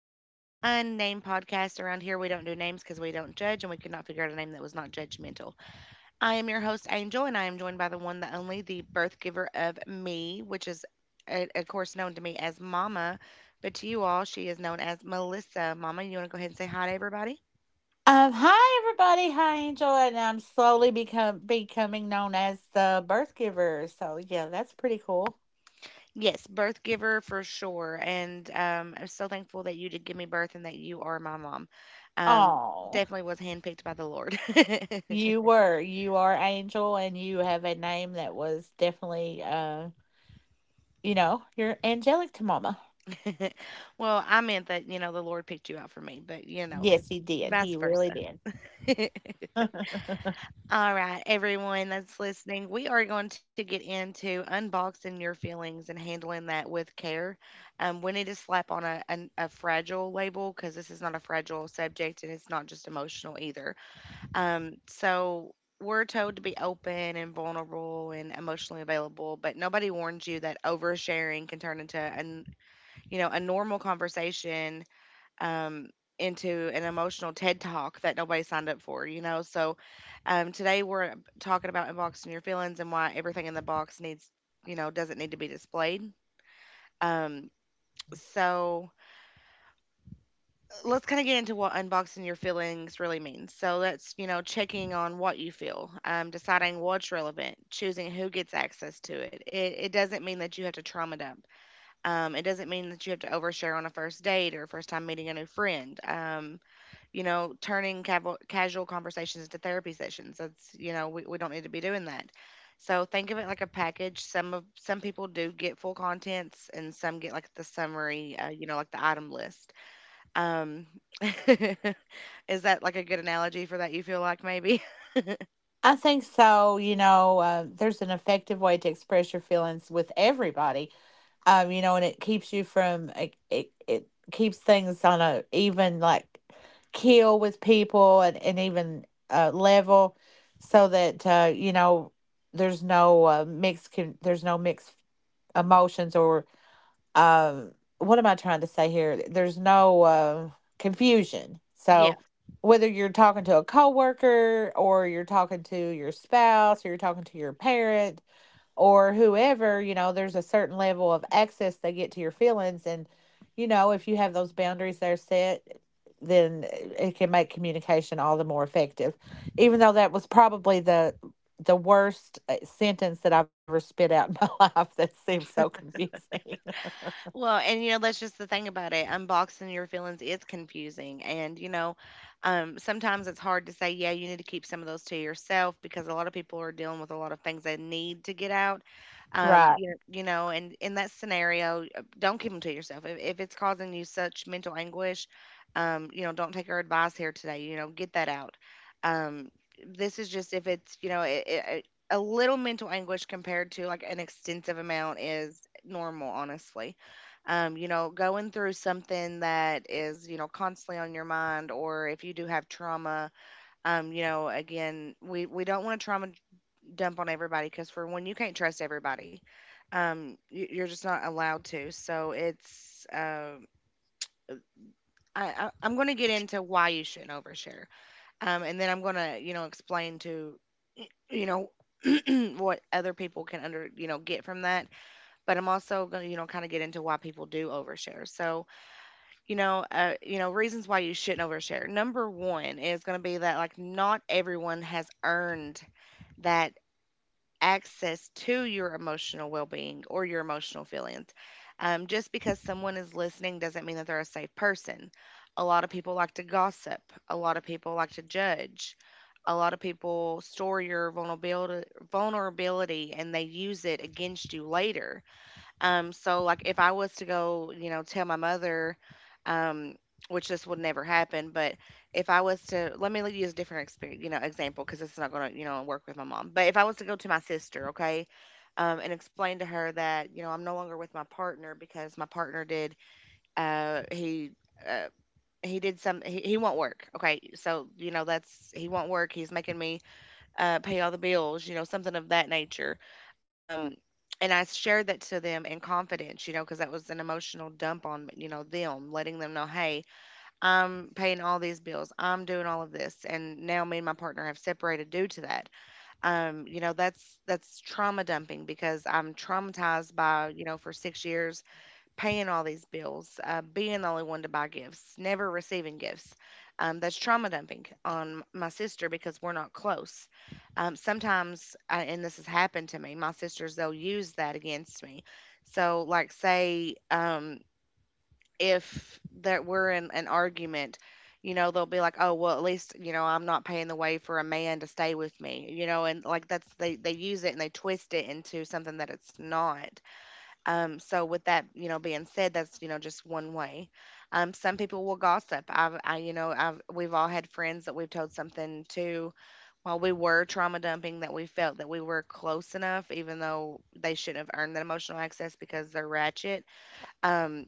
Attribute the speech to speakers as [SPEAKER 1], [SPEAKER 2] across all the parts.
[SPEAKER 1] back to the Unnamed Podcast. Around here, we don't do names because we don't judge and we could not figure out a name that was not judgmental. I am your host, Angel, and I am joined by the one, the only, the birth giver of me, which is, of course, known to me as Mama, but to you all, she is known as Melissa. Mama, you want to go ahead and say hi to everybody?
[SPEAKER 2] Hi everybody, hi Angel, and I'm slowly become becoming known as the birth giver. So yeah, that's pretty cool.
[SPEAKER 1] Yes, birth giver for sure. And I'm so thankful that you did give me birth and that you are my mom. Um,
[SPEAKER 2] Oh,
[SPEAKER 1] Definitely was handpicked by the Lord.
[SPEAKER 2] you were, you are Angel, and you have a name that was definitely, you know, you're angelic to Mama.
[SPEAKER 1] Well, I meant that, you know, the Lord picked you out for me, but, you know,
[SPEAKER 2] Yes, he did.
[SPEAKER 1] vice
[SPEAKER 2] He really
[SPEAKER 1] versa.
[SPEAKER 2] did.
[SPEAKER 1] All right, everyone that's listening, we are going to get into unboxing your feelings and handling that with care. We need to slap on a fragile label because this is not a fragile subject and it's not just emotional either. So we're told to be open and vulnerable and emotionally available, but nobody warns you that oversharing can turn into an a normal conversation um, into an emotional TED talk that nobody signed up for, you know? So today we're talking about unboxing your feelings and why everything in the box needs, you know, doesn't need to be displayed. Um, so let's kind of get into what unboxing your feelings really means. So that's, you know, checking on what you feel, deciding what's relevant, choosing who gets access to it. It doesn't mean that you have to trauma dump. It doesn't mean that you have to overshare on a first date or first time meeting a new friend. You know, turning casual conversations into therapy sessions. That's, you know, we don't need to be doing that. So think of it like a package. Some people do get full contents, and some get like the summary, you know, like the item list. Um, is that like a good analogy for that? You feel like maybe?
[SPEAKER 2] I think so. You know, there's an effective way to express your feelings with everybody, you know, and it keeps you from it, keeps things on a even like keel with people and even level so that you know there's no there's no mixed emotions or um what am I trying to say here? There's no confusion. So whether you're talking to a coworker or you're talking to your spouse or you're talking to your parent or whoever, you know, there's a certain level of access they get to your feelings. And, you know, if you have those boundaries there set, then it can make communication all the more effective. Even though that was probably the worst sentence that I've ever spit out in my life that seems so confusing.
[SPEAKER 1] Well, and you know, that's just the thing about it. Unboxing your feelings is confusing. And, you know, sometimes it's hard to say, yeah, you need to keep some of those to yourself because a lot of people are dealing with a lot of things they need to get out.
[SPEAKER 2] Right.
[SPEAKER 1] You know, and in that scenario, don't keep them to yourself. If it's causing you such mental anguish, you know, don't take our advice here today. You know, get that out. Um, this is just if it's, you know, a little mental anguish compared to like an extensive amount is normal, honestly. You know, going through something that is, you know, constantly on your mind, or if you do have trauma, you know, again, we don't want to trauma dump on everybody because for one, you can't trust everybody. You're just not allowed to. So it's, I'm going to get into why you shouldn't overshare. And then I'm going to, you know, explain to, you know, what other people can you know, get from that. But I'm also going to, you know, kind of get into why people do overshare. So, you know, reasons why you shouldn't overshare. Number one is going to be that like not everyone has earned that access to your emotional well-being or your emotional feelings. Just because someone is listening doesn't mean that they're a safe person. A lot of people like to gossip. A lot of people like to judge. A lot of people store your vulnerability, and they use it against you later. So like if I was to go, you know, tell my mother, um, which this would never happen, but if I was to, let me use a different experience, you know, example because it's not going to, you know, work with my mom. But if I was to go to my sister, okay, and explain to her that, you know, I'm no longer with my partner because my partner did, he. Uh, he did some he won't work, okay, so you know that's, he won't work, he's making me pay all the bills, you know, something of that nature. Um, and I shared that to them in confidence, you know, because that was an emotional dump on, you know, them, letting them know, hey, I'm paying all these bills, I'm doing all of this, and now me and my partner have separated due to that. You know, that's trauma dumping because I'm traumatized by, you know, for 6 years paying all these bills, being the only one to buy gifts, never receiving gifts. That's trauma dumping on my sister because we're not close. Sometimes, and this has happened to me, my sisters, they'll use that against me. So, like, say if that we're in an argument, you know, they'll be like, oh, well, at least, you know, I'm not paying the way for a man to stay with me, you know, and like that's, they use it and they twist it into something that it's not. So with that, you know, being said, that's, you know, just one way. Some people will gossip. You know, I've, we've all had friends that we've told something to while we were trauma dumping that we felt that we were close enough, even though they shouldn't have earned that emotional access because they're ratchet. Um,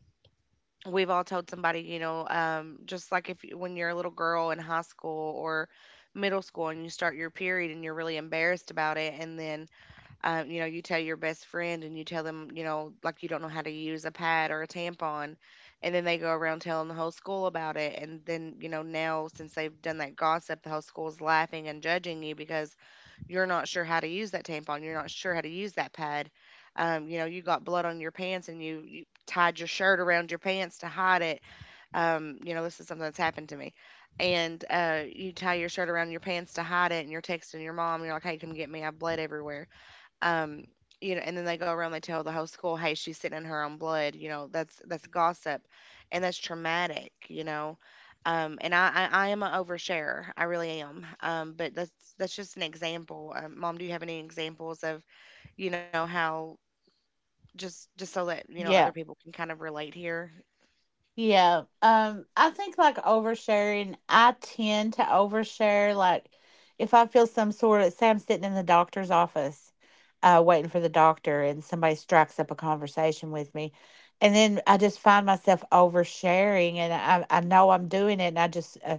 [SPEAKER 1] we've all told somebody, you know, just like if you, when you're a little girl in high school or middle school and you start your period and you're really embarrassed about it, and then you know, you tell your best friend and you tell them, you know, like you don't know how to use a pad or a tampon, and then they go around telling the whole school about it. And then, you know, now since they've done that gossip, the whole school's laughing and judging you because you're not sure how to use that tampon, you're not sure how to use that pad. You know, you got blood on your pants and you tied your shirt around your pants to hide it. You know, this is something that's happened to me and you tie your shirt around your pants to hide it, and you're texting your mom, and you're like, "Hey, come get me! I have bled everywhere." Um, you know, and then they go around, they tell the whole school, hey, she's sitting in her own blood, you know, that's gossip, and that's traumatic, you know. And I am an oversharer, I really am, um, but that's just an example. Mom, do you have any examples of, you know, how, just so that you know other
[SPEAKER 2] Yeah.
[SPEAKER 1] people can kind of relate here?
[SPEAKER 2] Yeah. I think like oversharing, I tend to overshare. Like if I feel some sort of, say I'm sitting in the doctor's office, waiting for the doctor and somebody strikes up a conversation with me. And then I just find myself oversharing and I know I'm doing it and I just, uh,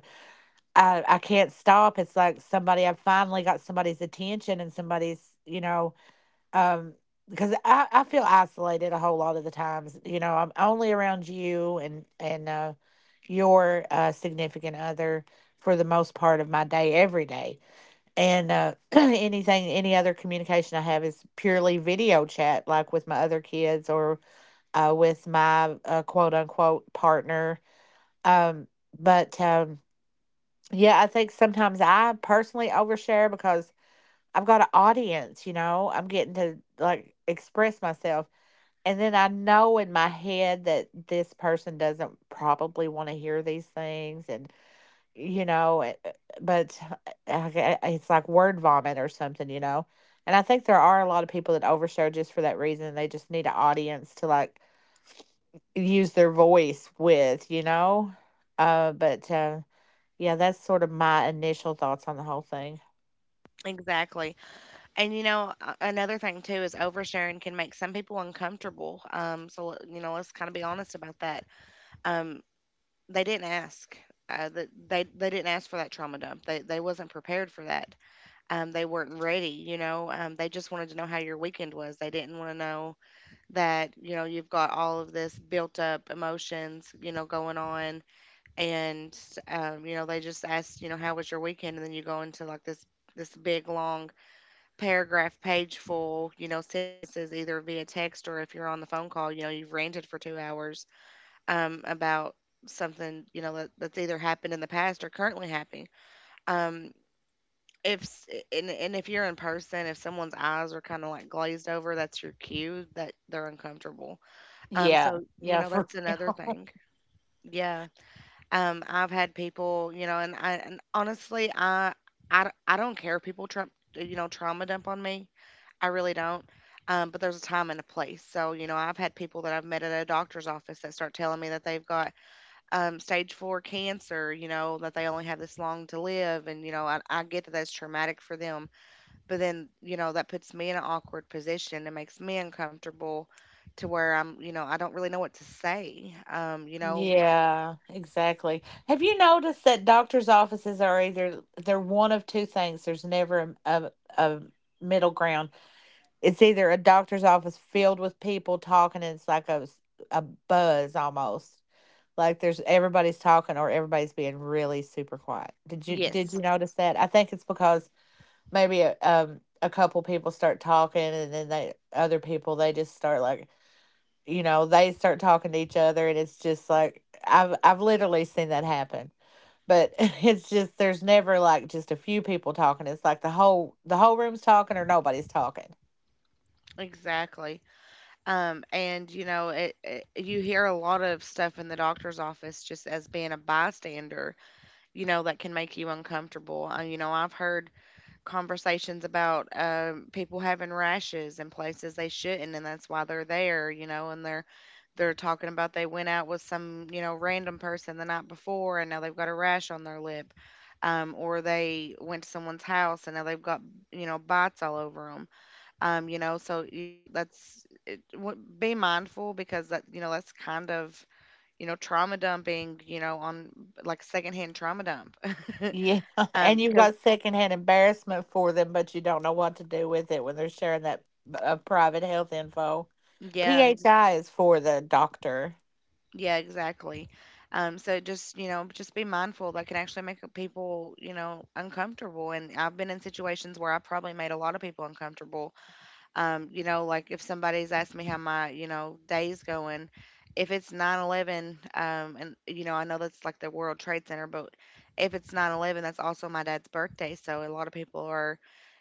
[SPEAKER 2] I, I can't stop. It's like somebody, I finally got somebody's attention and somebody's, you know, um because I feel isolated a whole lot of the times, you know, I'm only around you and your significant other for the most part of my day, every day. And anything, any other communication I have is purely video chat, like with my other kids or with my quote unquote partner. Um, but Yeah, I think sometimes I personally overshare because I've got an audience, you know. I'm getting to like express myself, and then I know in my head that this person doesn't probably want to hear these things, and you know, it- uh, but okay, it's like word vomit or something, you know. And I think there are a lot of people that overshare just for that reason. They just need an audience to like use their voice with, you know. But Yeah, that's sort of my initial thoughts on the whole thing.
[SPEAKER 1] Exactly. And you know, another thing too is oversharing can make some people uncomfortable, um, so you know, let's kind of be honest about that. Um, they didn't ask. They didn't ask for that trauma dump. They wasn't prepared for that. They weren't ready. You know, they just wanted to know how your weekend was. They didn't want to know that, you know, you've got all of this built up emotions, you know, going on, and you know, they just asked, you know, how was your weekend, and then you go into like this big long paragraph, page full, you know, sentences either via text, or if you're on the phone call, you know, you've ranted for 2 hours about something, you know, that, that's either happened in the past or currently happening. Um, if s- and if you're in person, if someone's eyes are kind of like glazed over, that's your cue that they're uncomfortable.
[SPEAKER 2] Yeah,
[SPEAKER 1] So you
[SPEAKER 2] yeah,
[SPEAKER 1] know
[SPEAKER 2] for
[SPEAKER 1] that's another thing. Yeah. I've had people, you know, and I, and honestly, I don't care if people you know, trauma dump on me. I really don't. But there's a time and a place. So you know, I've had people that I've met at a doctor's office that start telling me that they've got stage four cancer, you know, that they only have this long to live. And, you know, I get that that's traumatic for them. But then, you know, that puts me in an awkward position. It makes me uncomfortable to where I'm, you know, I don't really know what to say. You know,
[SPEAKER 2] Yeah, exactly. Have you noticed that doctors' offices are either they're one of two things? There's never a middle ground. It's either a doctor's office filled with people talking, and it's like a buzz almost. Like there's everybody's talking or everybody's being really super quiet. Did you
[SPEAKER 1] yes,
[SPEAKER 2] notice that? I think it's because maybe a couple people start talking, and then they other people they just start like, you know, they start talking to each other, and it's just like I've literally seen that happen. But it's just there's never like just a few people talking, it's like the whole room's talking or nobody's talking.
[SPEAKER 1] exactly. And, you know, you hear a lot of stuff in the doctor's office just as being a bystander, you know, that can make you uncomfortable. You know, I've heard conversations about people having rashes in places they shouldn't, and that's why they're there, you know, and they're talking about they went out with some, you know, random person the night before and now they've got a rash on their lip, or they went to someone's house and now they've got, you know, bites all over them, you know, so you know be mindful because that, you know, that's kind of, you know, trauma dumping, you know, on like secondhand trauma dump.
[SPEAKER 2] Yeah, and you've got
[SPEAKER 1] Because
[SPEAKER 2] secondhand embarrassment for them, but you don't know what to do with it when they're sharing that. Private health info,
[SPEAKER 1] yeah,
[SPEAKER 2] PHI, is for the doctor.
[SPEAKER 1] yeah, exactly. So just, you know, just be mindful that can actually make people, you know, uncomfortable. And I've been in situations where I probably made a lot of people uncomfortable, you know, like if somebody's asked me how my, you know, day's going, if it's 9/11, and you know, I know that's like the World Trade Center, but if it's 9/11, that's also my dad's birthday. So a lot of people are,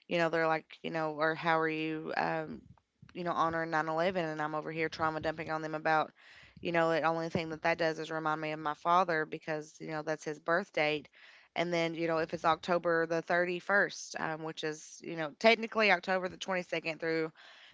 [SPEAKER 1] you know, they're like, you know, or how are you, you know, honoring 9/11? And I'm over here trauma dumping on them about, you know, the only thing that that does is remind me of my father because you know that's his birthday. And then, you know, if it's October the 31st, which is, you know, technically October the 22nd through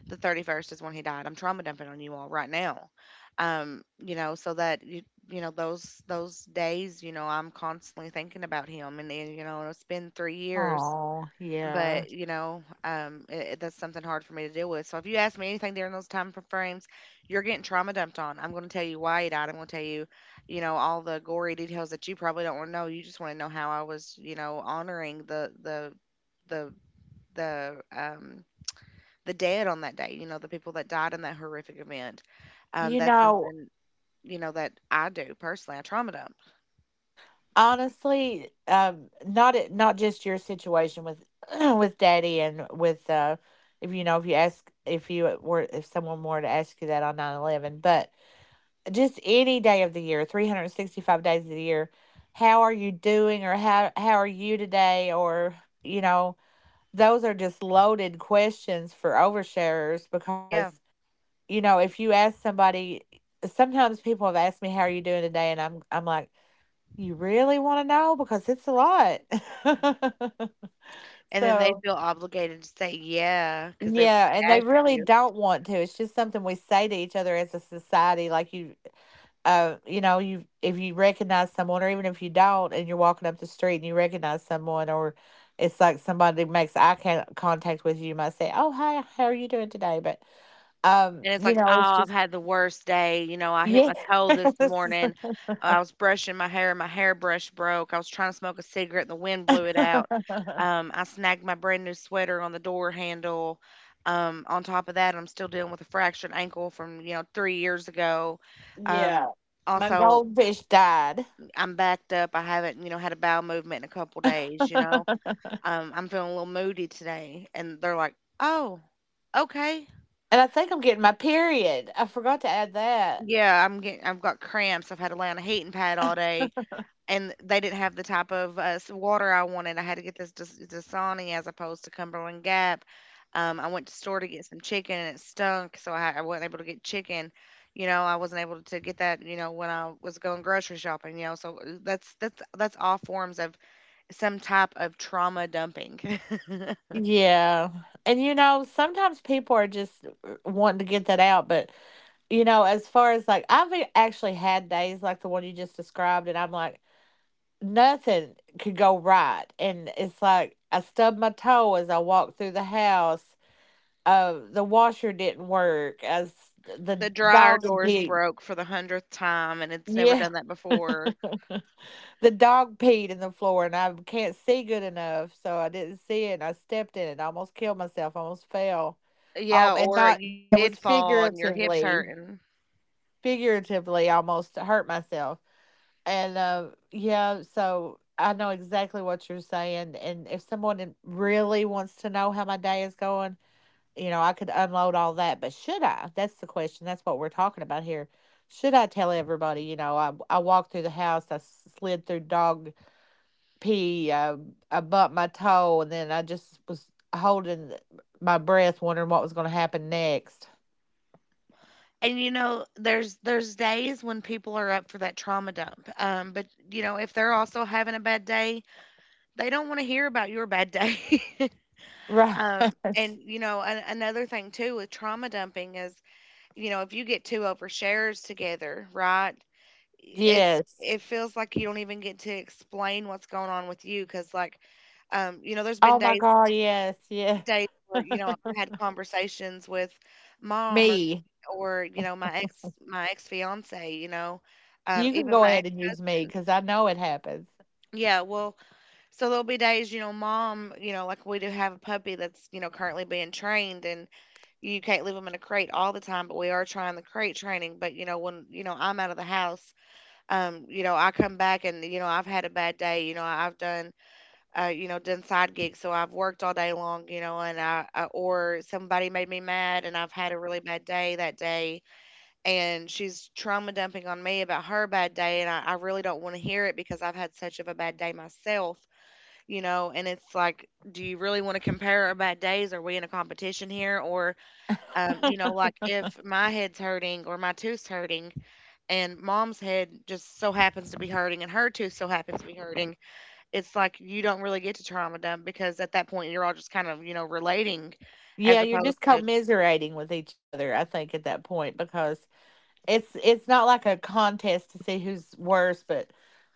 [SPEAKER 1] the 31st is when he died. I'm trauma dumping on you all right now. You know, so that you know those days, you know, I'm constantly thinking about him and then, you know, it's been 3 years,
[SPEAKER 2] Oh yeah.
[SPEAKER 1] but you know, that's something hard for me to deal with. So if you ask me anything during those time frames, you're getting trauma dumped on. I'm going to tell you why he died. I'm going to tell you, you know, all the gory details that you probably don't want to know. You just want to know how I was, you know, honoring the the um the dead on that day. You know, the people that died in that horrific event.
[SPEAKER 2] You
[SPEAKER 1] That's
[SPEAKER 2] know,
[SPEAKER 1] something you know that I do personally. I trauma dump.
[SPEAKER 2] honestly, not, it not just your situation with with daddy and with if you know, if you were, if someone were to ask you that on 9/11, but just any day of the year, 365 days of the year, how are you doing, or how are you today, or you know, those are just loaded questions for oversharers,
[SPEAKER 1] Yeah,
[SPEAKER 2] because you know, if you ask somebody, sometimes people have asked me how are you doing today, and I'm like, you really wanna know? Because it's a lot.
[SPEAKER 1] and then they
[SPEAKER 2] So,
[SPEAKER 1] feel obligated to say yeah because they
[SPEAKER 2] yeah, and they
[SPEAKER 1] asked
[SPEAKER 2] really
[SPEAKER 1] you.
[SPEAKER 2] don't want to, it's just something we say to each other as a society, like, you you know, you, if you recognize someone, or even if you don't and you're walking up the street and you recognize someone, or it's like somebody makes eye can contact with you, you might say, "Oh, hi, how are you doing today?" But,
[SPEAKER 1] And it's
[SPEAKER 2] you
[SPEAKER 1] like, "Oh,
[SPEAKER 2] know, it's
[SPEAKER 1] I've
[SPEAKER 2] just
[SPEAKER 1] had the worst day, you know, I hit
[SPEAKER 2] yeah,
[SPEAKER 1] my toe this morning. I was brushing my hair and my hairbrush broke. I was trying to smoke a cigarette and the wind blew it out. I snagged my brand new sweater on the door handle. On top of that, I'm still dealing with a fractured ankle from, you know, 3 years ago. Um,
[SPEAKER 2] Yeah. My
[SPEAKER 1] also,
[SPEAKER 2] goldfish died.
[SPEAKER 1] I'm backed up. I haven't, you know, had a bowel movement in a couple days, you know. I'm feeling a little moody today." And they're like, "Oh, okay."
[SPEAKER 2] And I think I'm getting my period. I forgot to add that.
[SPEAKER 1] Yeah, I've got cramps. I've had to lay on a heating pad all day, and they didn't have the type of water I wanted. I had to get this Dasani as opposed to Cumberland Gap. I went to store to get some chicken, and it stunk, so I wasn't able to get chicken. You know, I wasn't able to get that. You know, when I was going grocery shopping. You know, so that's that's all forms of some type of trauma dumping.
[SPEAKER 2] Yeah. And you know, sometimes people are just wanting to get that out, but you know, as far as like, I've actually had days like the one you just described, and I'm like, nothing could go right. And it's like I stubbed my toe as I walked through the house. Uh, the washer didn't work as the
[SPEAKER 1] The dryer
[SPEAKER 2] dog and
[SPEAKER 1] doors
[SPEAKER 2] pig.
[SPEAKER 1] broke for the hundredth time, and it's never
[SPEAKER 2] Yeah.
[SPEAKER 1] done that before.
[SPEAKER 2] The dog peed in the floor, and I can't see good enough, so I didn't see it. And I stepped in it, I almost killed myself, I almost fell. Oh,
[SPEAKER 1] Yeah,
[SPEAKER 2] and
[SPEAKER 1] or
[SPEAKER 2] not,
[SPEAKER 1] you
[SPEAKER 2] that
[SPEAKER 1] did
[SPEAKER 2] was
[SPEAKER 1] fall and your hip's
[SPEAKER 2] figuratively,
[SPEAKER 1] hurting.
[SPEAKER 2] figuratively, almost hurt myself. And yeah, so I know exactly what you're saying. And if really wants to know how my day is going, you know, I could unload all that, but should I? That's the question. That's what we're talking about here. Should I tell everybody? You know, I walked through the house, I slid through dog pee. I bumped my toe, and then I just was holding my breath, wondering what was going to happen next.
[SPEAKER 1] And you know, there's days when people are up for that trauma dump. But you know, if they're also having a bad day, they don't want to hear about your bad day.
[SPEAKER 2] Right.
[SPEAKER 1] And you know, another thing too with trauma dumping is, you know, if you get two overshares together, right? It
[SPEAKER 2] Yes.
[SPEAKER 1] it feels like you don't even get to explain what's going on with you because, like, you know, there's been
[SPEAKER 2] Oh my
[SPEAKER 1] days
[SPEAKER 2] God. Yes. Yes.
[SPEAKER 1] days where you know I've had conversations with mom
[SPEAKER 2] Me.
[SPEAKER 1] or you know my ex fiance, you know,
[SPEAKER 2] You can
[SPEAKER 1] even
[SPEAKER 2] go
[SPEAKER 1] my
[SPEAKER 2] ahead
[SPEAKER 1] ex
[SPEAKER 2] and use me
[SPEAKER 1] husband.
[SPEAKER 2] because I know it happens.
[SPEAKER 1] Yeah, well, so there'll be days, you know, mom, you know, like we do have a puppy that's, you know, currently being trained and you can't leave them in a crate all the time, but we are trying the crate training. But, you know, when, you know, I'm out of the house, you know, I come back and, you know, I've had a bad day, you know, I've done you know, done side gigs. So I've worked all day long, you know, and I or somebody made me mad and I've had a really bad day that day. And she's trauma dumping on me about her bad day. And I really don't want to hear it because I've had such of a bad day myself, you know. And it's like, do you really want to compare our bad days? Are we in a competition here? Or, you know, like if my head's hurting or my tooth's hurting and mom's head just so happens to be hurting and her tooth so happens to be hurting, it's like you don't really get to trauma dump because at that point you're all just kind of, you know, relating
[SPEAKER 2] Yeah,
[SPEAKER 1] as
[SPEAKER 2] you're
[SPEAKER 1] opposed
[SPEAKER 2] just
[SPEAKER 1] to,
[SPEAKER 2] commiserating with each other, I think, at that point, because it's not like a contest to see who's worse, but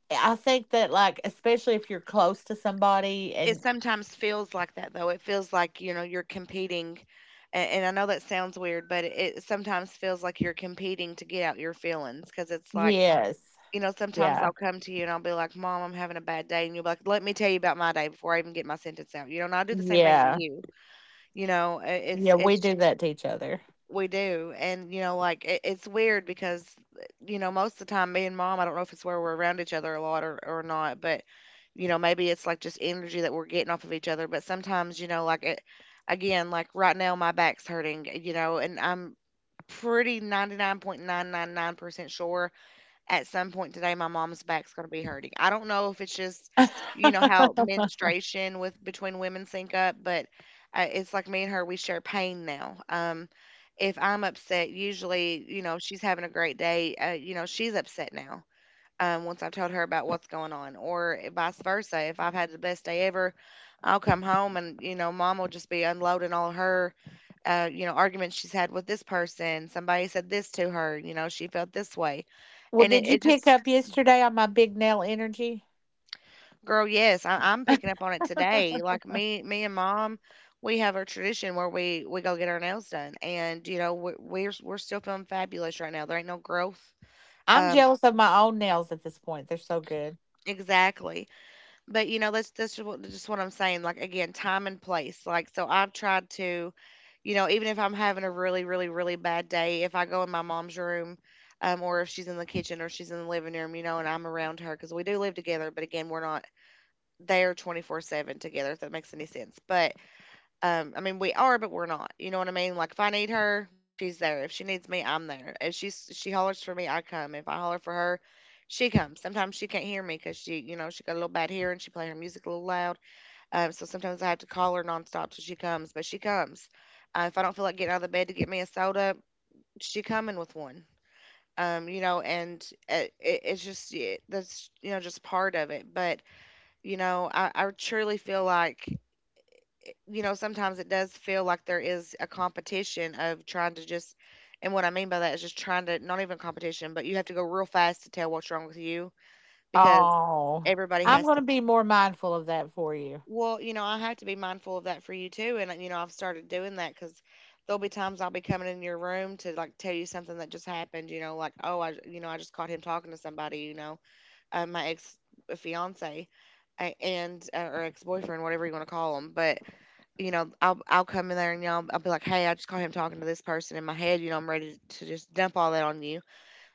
[SPEAKER 2] I think that like especially if you're close to somebody
[SPEAKER 1] it
[SPEAKER 2] and
[SPEAKER 1] sometimes feels like that though, it feels like, you know, you're competing. And I know that sounds weird, but it sometimes feels like you're competing to get out your feelings because it's like,
[SPEAKER 2] yes.
[SPEAKER 1] you know, sometimes
[SPEAKER 2] Yeah.
[SPEAKER 1] I'll come to you and I'll be like, mom, I'm having a bad day, and you'll be like, let me tell you about my day before I even get my sentence out, you know, and I'll do the same thing to
[SPEAKER 2] Yeah.
[SPEAKER 1] you, you know, i- it's
[SPEAKER 2] Yeah, we
[SPEAKER 1] it's
[SPEAKER 2] do that to each other.
[SPEAKER 1] we do. And, you know, like it's weird because, you know, most of the time, me and mom, I don't know if it's where we're around each other a lot or not, but, you know, maybe it's like just energy that we're getting off of each other. But sometimes, you know, like it, again, like right now, my back's hurting, you know, and I'm pretty 99.999% sure at some point today my mom's back's going to be hurting. I don't know if it's just you know how menstruation with between women sync up, but it's like me and her, we share pain now. Um, if I'm upset, usually, you know, she's having a great day, you know, she's upset now. Once I've told her about what's going on, or vice versa. If I've had the best day ever, I'll come home and, you know, mom will just be unloading all her, you know, arguments she's had with this person. Somebody said this to her, you know, she felt this way.
[SPEAKER 2] Well,
[SPEAKER 1] And it,
[SPEAKER 2] did you
[SPEAKER 1] it
[SPEAKER 2] pick
[SPEAKER 1] just,
[SPEAKER 2] up yesterday on my big nail energy?
[SPEAKER 1] girl, yes, I'm picking up on it today. Like me and mom, we have a tradition where we go get our nails done, and you know we're still feeling fabulous right now. There ain't no growth.
[SPEAKER 2] I'm
[SPEAKER 1] Um,
[SPEAKER 2] jealous of my own nails at this point. They're so good.
[SPEAKER 1] exactly. But you know that's just what I'm saying. Like again, time and place. Like so, I've tried to, you know, even if I'm having a really really really bad day, if I go in my mom's room. Or if she's in the kitchen or she's in the living room, you know, and I'm around her because we do live together, but again, we're not there 24 7 together, if that makes any sense. But um, I mean, we are, but we're not. You know what I mean? Like, if I need her, she's there. If she needs me, I'm there. If she hollers for me, I come. If I holler for her, she comes. Sometimes she can't hear me because she, you know, she got a little bad hearing. She play her music a little loud. So sometimes I have to call her nonstop till she comes. But she comes. If I don't feel like getting out of the bed to get me a soda, she coming with one. You know, and it's just yeah, that's you know just part of it. But you know, I truly feel like you know, sometimes it does feel like there is a competition of trying to just, and what I mean by that is just trying to, not even competition, but you have to go real fast to tell what's wrong with you because
[SPEAKER 2] Oh,
[SPEAKER 1] everybody
[SPEAKER 2] I'm
[SPEAKER 1] has,
[SPEAKER 2] going to be more mindful of that for you.
[SPEAKER 1] well, you know, I have to be mindful of that for you too. And, you know, I've started doing that because there'll be times I'll be coming in your room to like tell you something that just happened, you know, like, oh, I, you know, I just caught him talking to somebody, my ex fiance. Or ex boyfriend, whatever you want to call him. But, you know, I'll come in there and I'll be like, hey, I just caught him talking to this person. In my head, you know, I'm ready to just dump all that on you.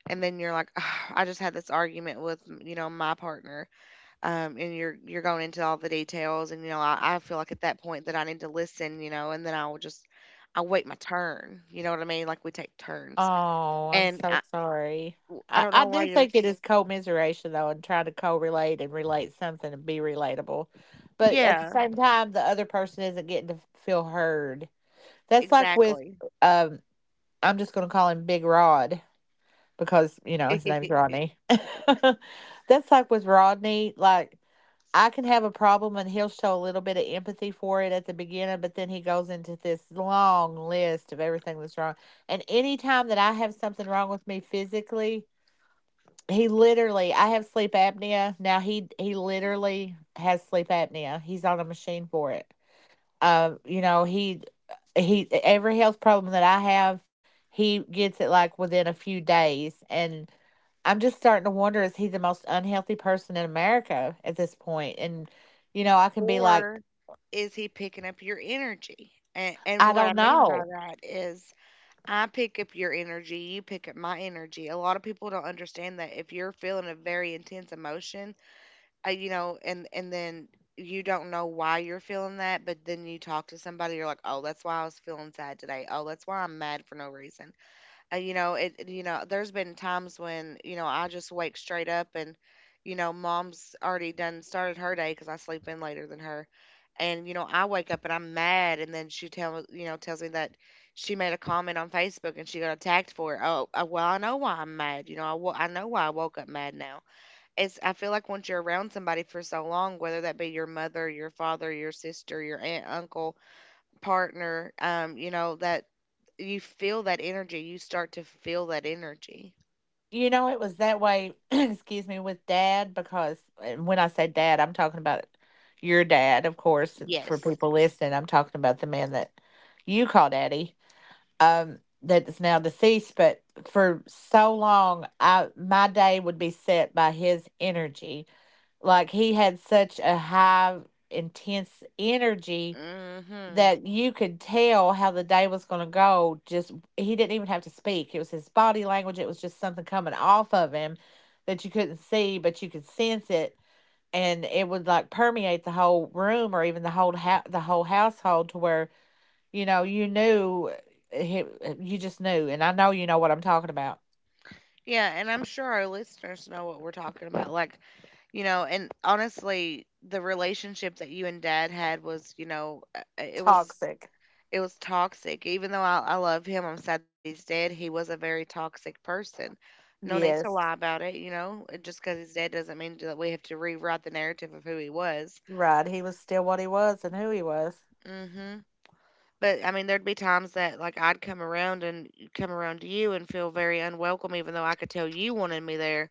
[SPEAKER 1] And then you're like, "Ah, I just had this argument with my partner, and you're going into all the details," and I feel like at that point that I need to listen, you know, and then I'll just I wait my turn. You know what I mean? Like we take turns,
[SPEAKER 2] Oh, I'm
[SPEAKER 1] and I
[SPEAKER 2] so sorry.
[SPEAKER 1] I don't know
[SPEAKER 2] I
[SPEAKER 1] why
[SPEAKER 2] do
[SPEAKER 1] you're,
[SPEAKER 2] think it is commiseration, though, and trying to co relate and relate something and be relatable. But at the
[SPEAKER 1] yeah,
[SPEAKER 2] same time, the other person isn't getting to feel heard. That's like with,
[SPEAKER 1] exactly.
[SPEAKER 2] um, I'm just going to call him Big Rod, because you know his name's Rodney. That's like with Rodney, like I can have a problem and he'll show a little bit of empathy for it at the beginning, but then he goes into this long list of everything that's wrong. And anytime that I have something wrong with me physically, he literally I have sleep apnea. Now he literally has sleep apnea. He's on a machine for it. You know, he every health problem that I have, he gets it like within a few days. And I'm just starting to wonder, is he the most unhealthy person in America at this point? And, you know, I can be like,
[SPEAKER 1] Or is he picking up your energy? And
[SPEAKER 2] I
[SPEAKER 1] what I
[SPEAKER 2] don't
[SPEAKER 1] mean by
[SPEAKER 2] know.
[SPEAKER 1] that is I pick up your energy, you pick up my energy. A lot of people don't understand that if you're feeling a very intense emotion, you know, and then you don't know why you're feeling that, but then you talk to somebody, you're like, "Oh, that's why I was feeling sad today. Oh, that's why I'm mad for no reason." You know you know there's been times when I just wake straight up, and you know mom's already done started her day because I sleep in later than her. And you know I wake up and I'm mad, and then she tell you know tells me that she made a comment on Facebook and she got attacked for it. Oh well, I know why I'm mad. I know why I woke up mad now. It's, I feel like once you're around somebody for so long, whether that be your mother, your father, your sister, your aunt, uncle, partner, you know that you feel that energy, you start to feel that energy.
[SPEAKER 2] You know, it was that way, excuse me, with dad, because, and when I say dad, I'm talking about your dad, of course. And for
[SPEAKER 1] Yes.
[SPEAKER 2] people listening, I'm talking about the man that you call daddy, that is now deceased. But for so long, I, my day would be set by his energy. Like, he had such a high, intense energy
[SPEAKER 1] Mm-hmm.
[SPEAKER 2] that you could tell how the day was going to go. Just, he didn't even have to speak. It was his body language. It was just something coming off of him that you couldn't see, but you could sense it, and it would like permeate the whole room or even the the whole household, to where you know you knew, you just knew, and I know you know what I'm talking about.
[SPEAKER 1] Yeah, and I'm sure our listeners know what we're talking about. Like, you know, and honestly, the relationship that you and Dad had was, it was,
[SPEAKER 2] Toxic.
[SPEAKER 1] it was toxic. Even though I love him, I'm sad that he's dead. He was a very toxic person. No need to
[SPEAKER 2] Yes.
[SPEAKER 1] lie about it, you know. Just because he's dead doesn't mean that we have to rewrite the narrative of who he was.
[SPEAKER 2] Right. He was still what he was and who he was.
[SPEAKER 1] Hmm. But I mean, there'd be times that like I'd come around and come around to you and feel very unwelcome, even though I could tell you wanted me there.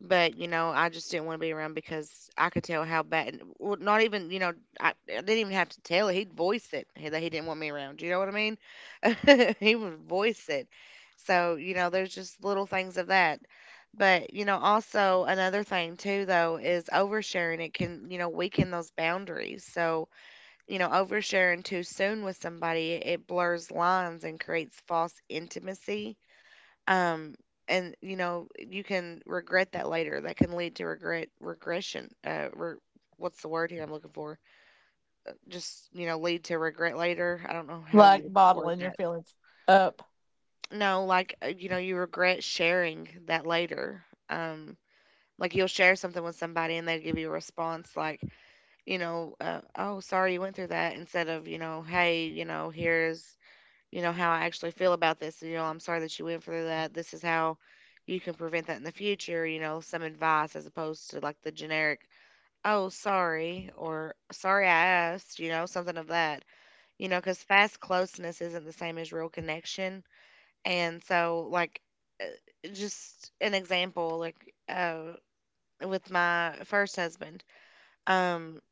[SPEAKER 1] But you know, I just didn't want to be around because I could tell how bad. Well, not even I didn't even have to tell it. He'd voice it he- that he didn't want me around. You know what I mean? He would voice it. So you know, there's just little things of that. But you know, also another thing too, though, is oversharing. It can weaken those boundaries. So you know, oversharing too soon with somebody, it blurs lines and creates false intimacy. Um, and you know, you can regret that later. That can lead to regret regression. Re- what's the word here I'm looking for? Just, you know, lead to regret later. I don't know how you
[SPEAKER 2] Like
[SPEAKER 1] would word
[SPEAKER 2] bottling your
[SPEAKER 1] that.
[SPEAKER 2] feelings up.
[SPEAKER 1] No, like, you know, you regret sharing that later. Like you'll share something with somebody and they give you a response like, you know, oh, sorry you went through that, instead of, you know, hey, you know, here's how I actually feel about this. You know, I'm sorry that you went through that. This is how you can prevent that in the future, you know, some advice as opposed to like the generic, oh, sorry, or sorry I asked, you know, something of that, you know, because fast closeness isn't the same as real connection. And so, like, uh, just an example, like, with my first husband, um,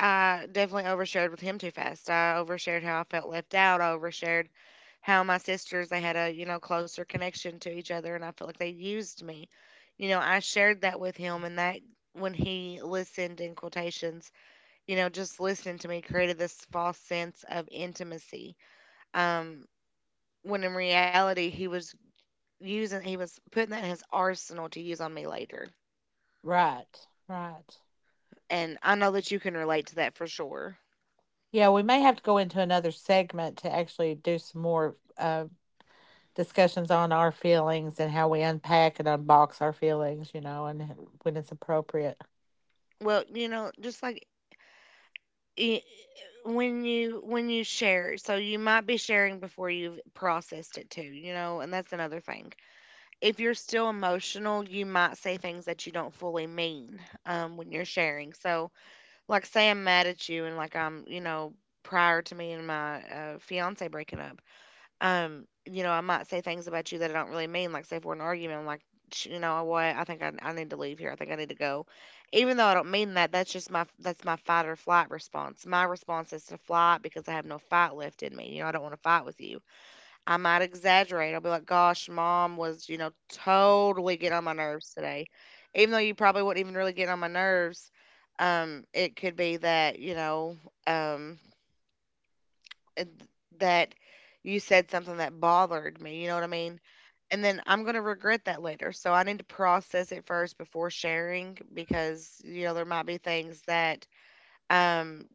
[SPEAKER 1] I definitely overshared with him too fast. I overshared how I felt left out. I overshared how my sisters, they had a, you know, closer connection to each other and I felt like they used me. You know, I shared that with him, and that when he listened in quotations, you know, just listening to me created this false sense of intimacy. Um when in reality he was using he was putting that in his arsenal to use on me later.
[SPEAKER 2] Right. Right.
[SPEAKER 1] And I know that you can relate to that for sure.
[SPEAKER 2] Yeah, we may have to go into another segment to actually do some more discussions on our feelings and how we unpack and unbox our feelings, you know, and when it's appropriate.
[SPEAKER 1] Well, you know, just like i- when you share, so you might be sharing before you've processed it too, you know, and that's another thing. If you're still emotional, you might say things that you don't fully mean, when you're sharing. So like say I'm mad at you and like I'm you know, prior to me and my fiance breaking up, you know, I might say things about you that I don't really mean. Like, say if we're in an argument, I'm like, " you know what? I think I need to leave here. I think I need to go. Even though I don't mean that, that's my fight or flight response. My response is to flight because I have no fight left in me. You know, I don't want to fight with you. I might exaggerate. I'll be like, gosh, mom was, you know, totally getting on my nerves today. Even though you probably wouldn't even really get on my nerves, it could be that, um, and that you said something that bothered me, you know what I mean? And then I'm going to regret that later. So I need to process it first before sharing because you know there might be things that um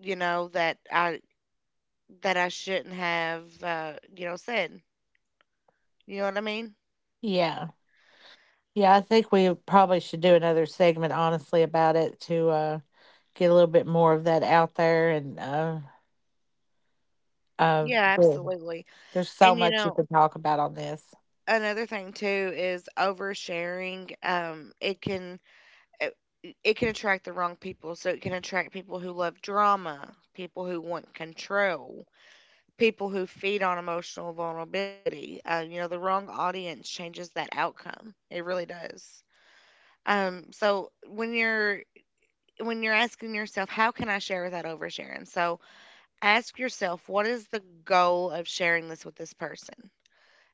[SPEAKER 1] that I shouldn't have said. You know what I mean?
[SPEAKER 2] Yeah. Yeah, I think we probably should do another segment honestly about it to get a little bit more of that out there and uh,
[SPEAKER 1] Yeah,
[SPEAKER 2] sure.
[SPEAKER 1] absolutely.
[SPEAKER 2] There's so
[SPEAKER 1] And you
[SPEAKER 2] much you
[SPEAKER 1] know
[SPEAKER 2] can talk about on this.
[SPEAKER 1] another thing too is oversharing, it can, it it can attract the wrong people. So it can attract people who love drama, people who want control, people who feed on emotional vulnerability. You know, the wrong audience changes that outcome. It really does. So when you're asking yourself, how can I share without oversharing? So ask yourself, what is the goal of sharing this with this person?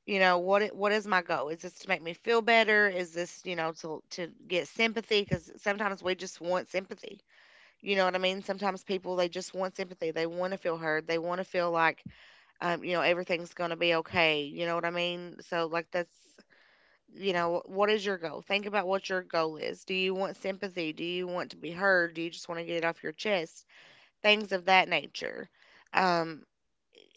[SPEAKER 1] You know, what is my goal? Is this to make me feel better? Is this, you know, to get sympathy? Because sometimes we just want sympathy, you know what I mean? Sometimes people, they just want sympathy. They want to feel heard. They want to feel like, you know, everything's going to be okay. You know what I mean? So, like, that's, you know, what is your goal? Think about what your goal is. Do you want sympathy? Do you want to be heard? Do you just want to get it off your chest? Things of that nature. Um,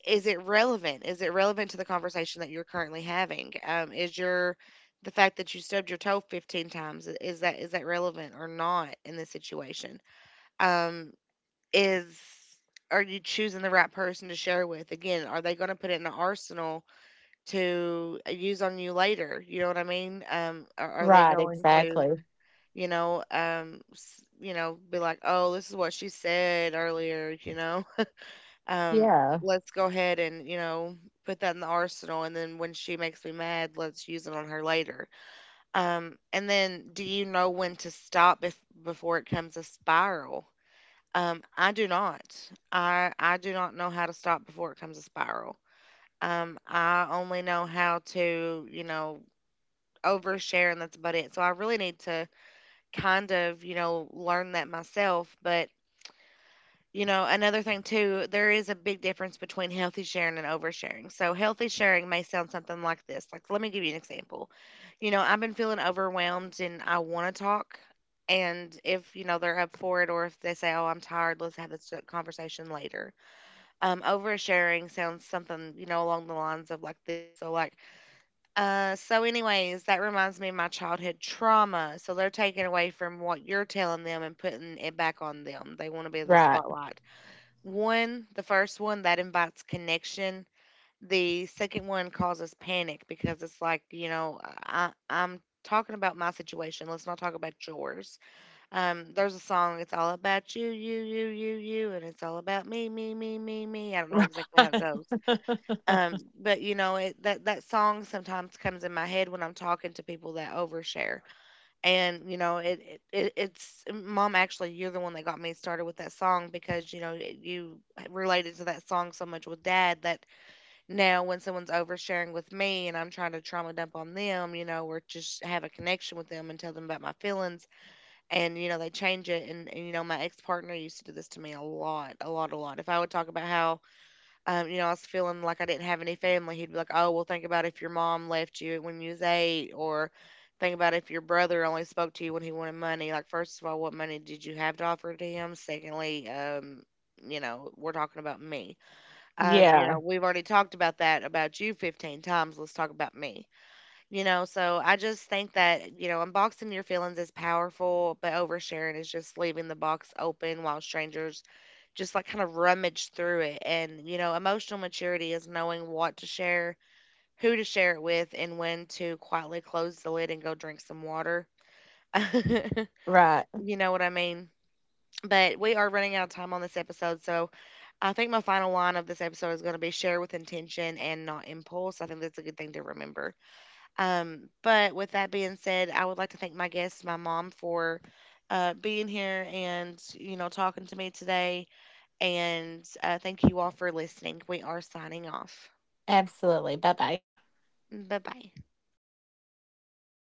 [SPEAKER 1] is it relevant? Is it relevant to the conversation that you're currently having? Is your The fact that you stubbed your toe 15 times, is that relevant or not in this situation? Um, is Are you choosing the right person to share with? Again, are they going to put it in an arsenal to use on you later? You know what I mean? Are they
[SPEAKER 2] Right,
[SPEAKER 1] going to,
[SPEAKER 2] exactly.
[SPEAKER 1] you know, you know, be like, oh, this is what she said earlier, you know, um,
[SPEAKER 2] Yeah.
[SPEAKER 1] let's go ahead and, you know, put that in the arsenal. And then when she makes me mad, let's use it on her later. And then do you know when to stop, if, before it comes a spiral? I do not. I do not know how to stop before it comes a spiral. I only know how to, you know, overshare, and that's about it. So I really need to kind of, you know, learn that myself. But, you know, another thing too, there is a big difference between healthy sharing and oversharing. So healthy sharing may sound something like this. Like let me give you an example. You know, I've been feeling overwhelmed and I want to talk. And if, you know, they're up for it, or if they say, oh, I'm tired, let's have this conversation later. Oversharing sounds something, you know, along the lines of like this. So like, so anyways, that reminds me of my childhood trauma. So they're taking away from what you're telling them and putting it back on them. They want to be in the
[SPEAKER 2] Right.
[SPEAKER 1] spotlight. One, the first one that invites connection, the second one causes panic because it's like, you know, I'm talking about my situation. Let's not talk about yours. There's a song. It's all about you, you, you, you, you, and it's all about me, me, me, me, me. I don't know exactly how it goes,
[SPEAKER 2] Right.
[SPEAKER 1] but you know, that that song sometimes comes in my head when I'm talking to people that overshare, and you know, it's mom. Actually, you're the one that got me started with that song because you related to that song so much with Dad that now when someone's oversharing with me, and I'm trying to trauma dump on them, you know, or just have a connection with them and tell them about my feelings, and you know, they change it. And you know, my ex partner used to do this to me a lot, a lot, a lot. If I would talk about how you know, I was feeling like I didn't have any family, he'd be like, "Oh, well, think about if your mom left you when you was eight, or think about if your brother only spoke to you when he wanted money." Like, first of all, what money did you have to offer to him? Secondly, you know, we're talking about me. You know,
[SPEAKER 2] Yeah.
[SPEAKER 1] we've already talked about that about you 15 times. Let's talk about me. You know, so I just think that, you know, unboxing your feelings is powerful, but oversharing is just leaving the box open while strangers just like kind of rummage through it. And, you know, emotional maturity is knowing what to share, who to share it with, and when to quietly close the lid and go drink some water.
[SPEAKER 2] Right.
[SPEAKER 1] You know what I mean? But we are running out of time on this episode. So I think my final line of this episode is going to be share with intention and not impulse. I think that's a good thing to remember. But with that being said, I would like to thank my guests, my mom, for being here and, you know, talking to me today. And thank you all for listening. We are signing off.
[SPEAKER 2] Absolutely. Bye bye.
[SPEAKER 1] Bye bye.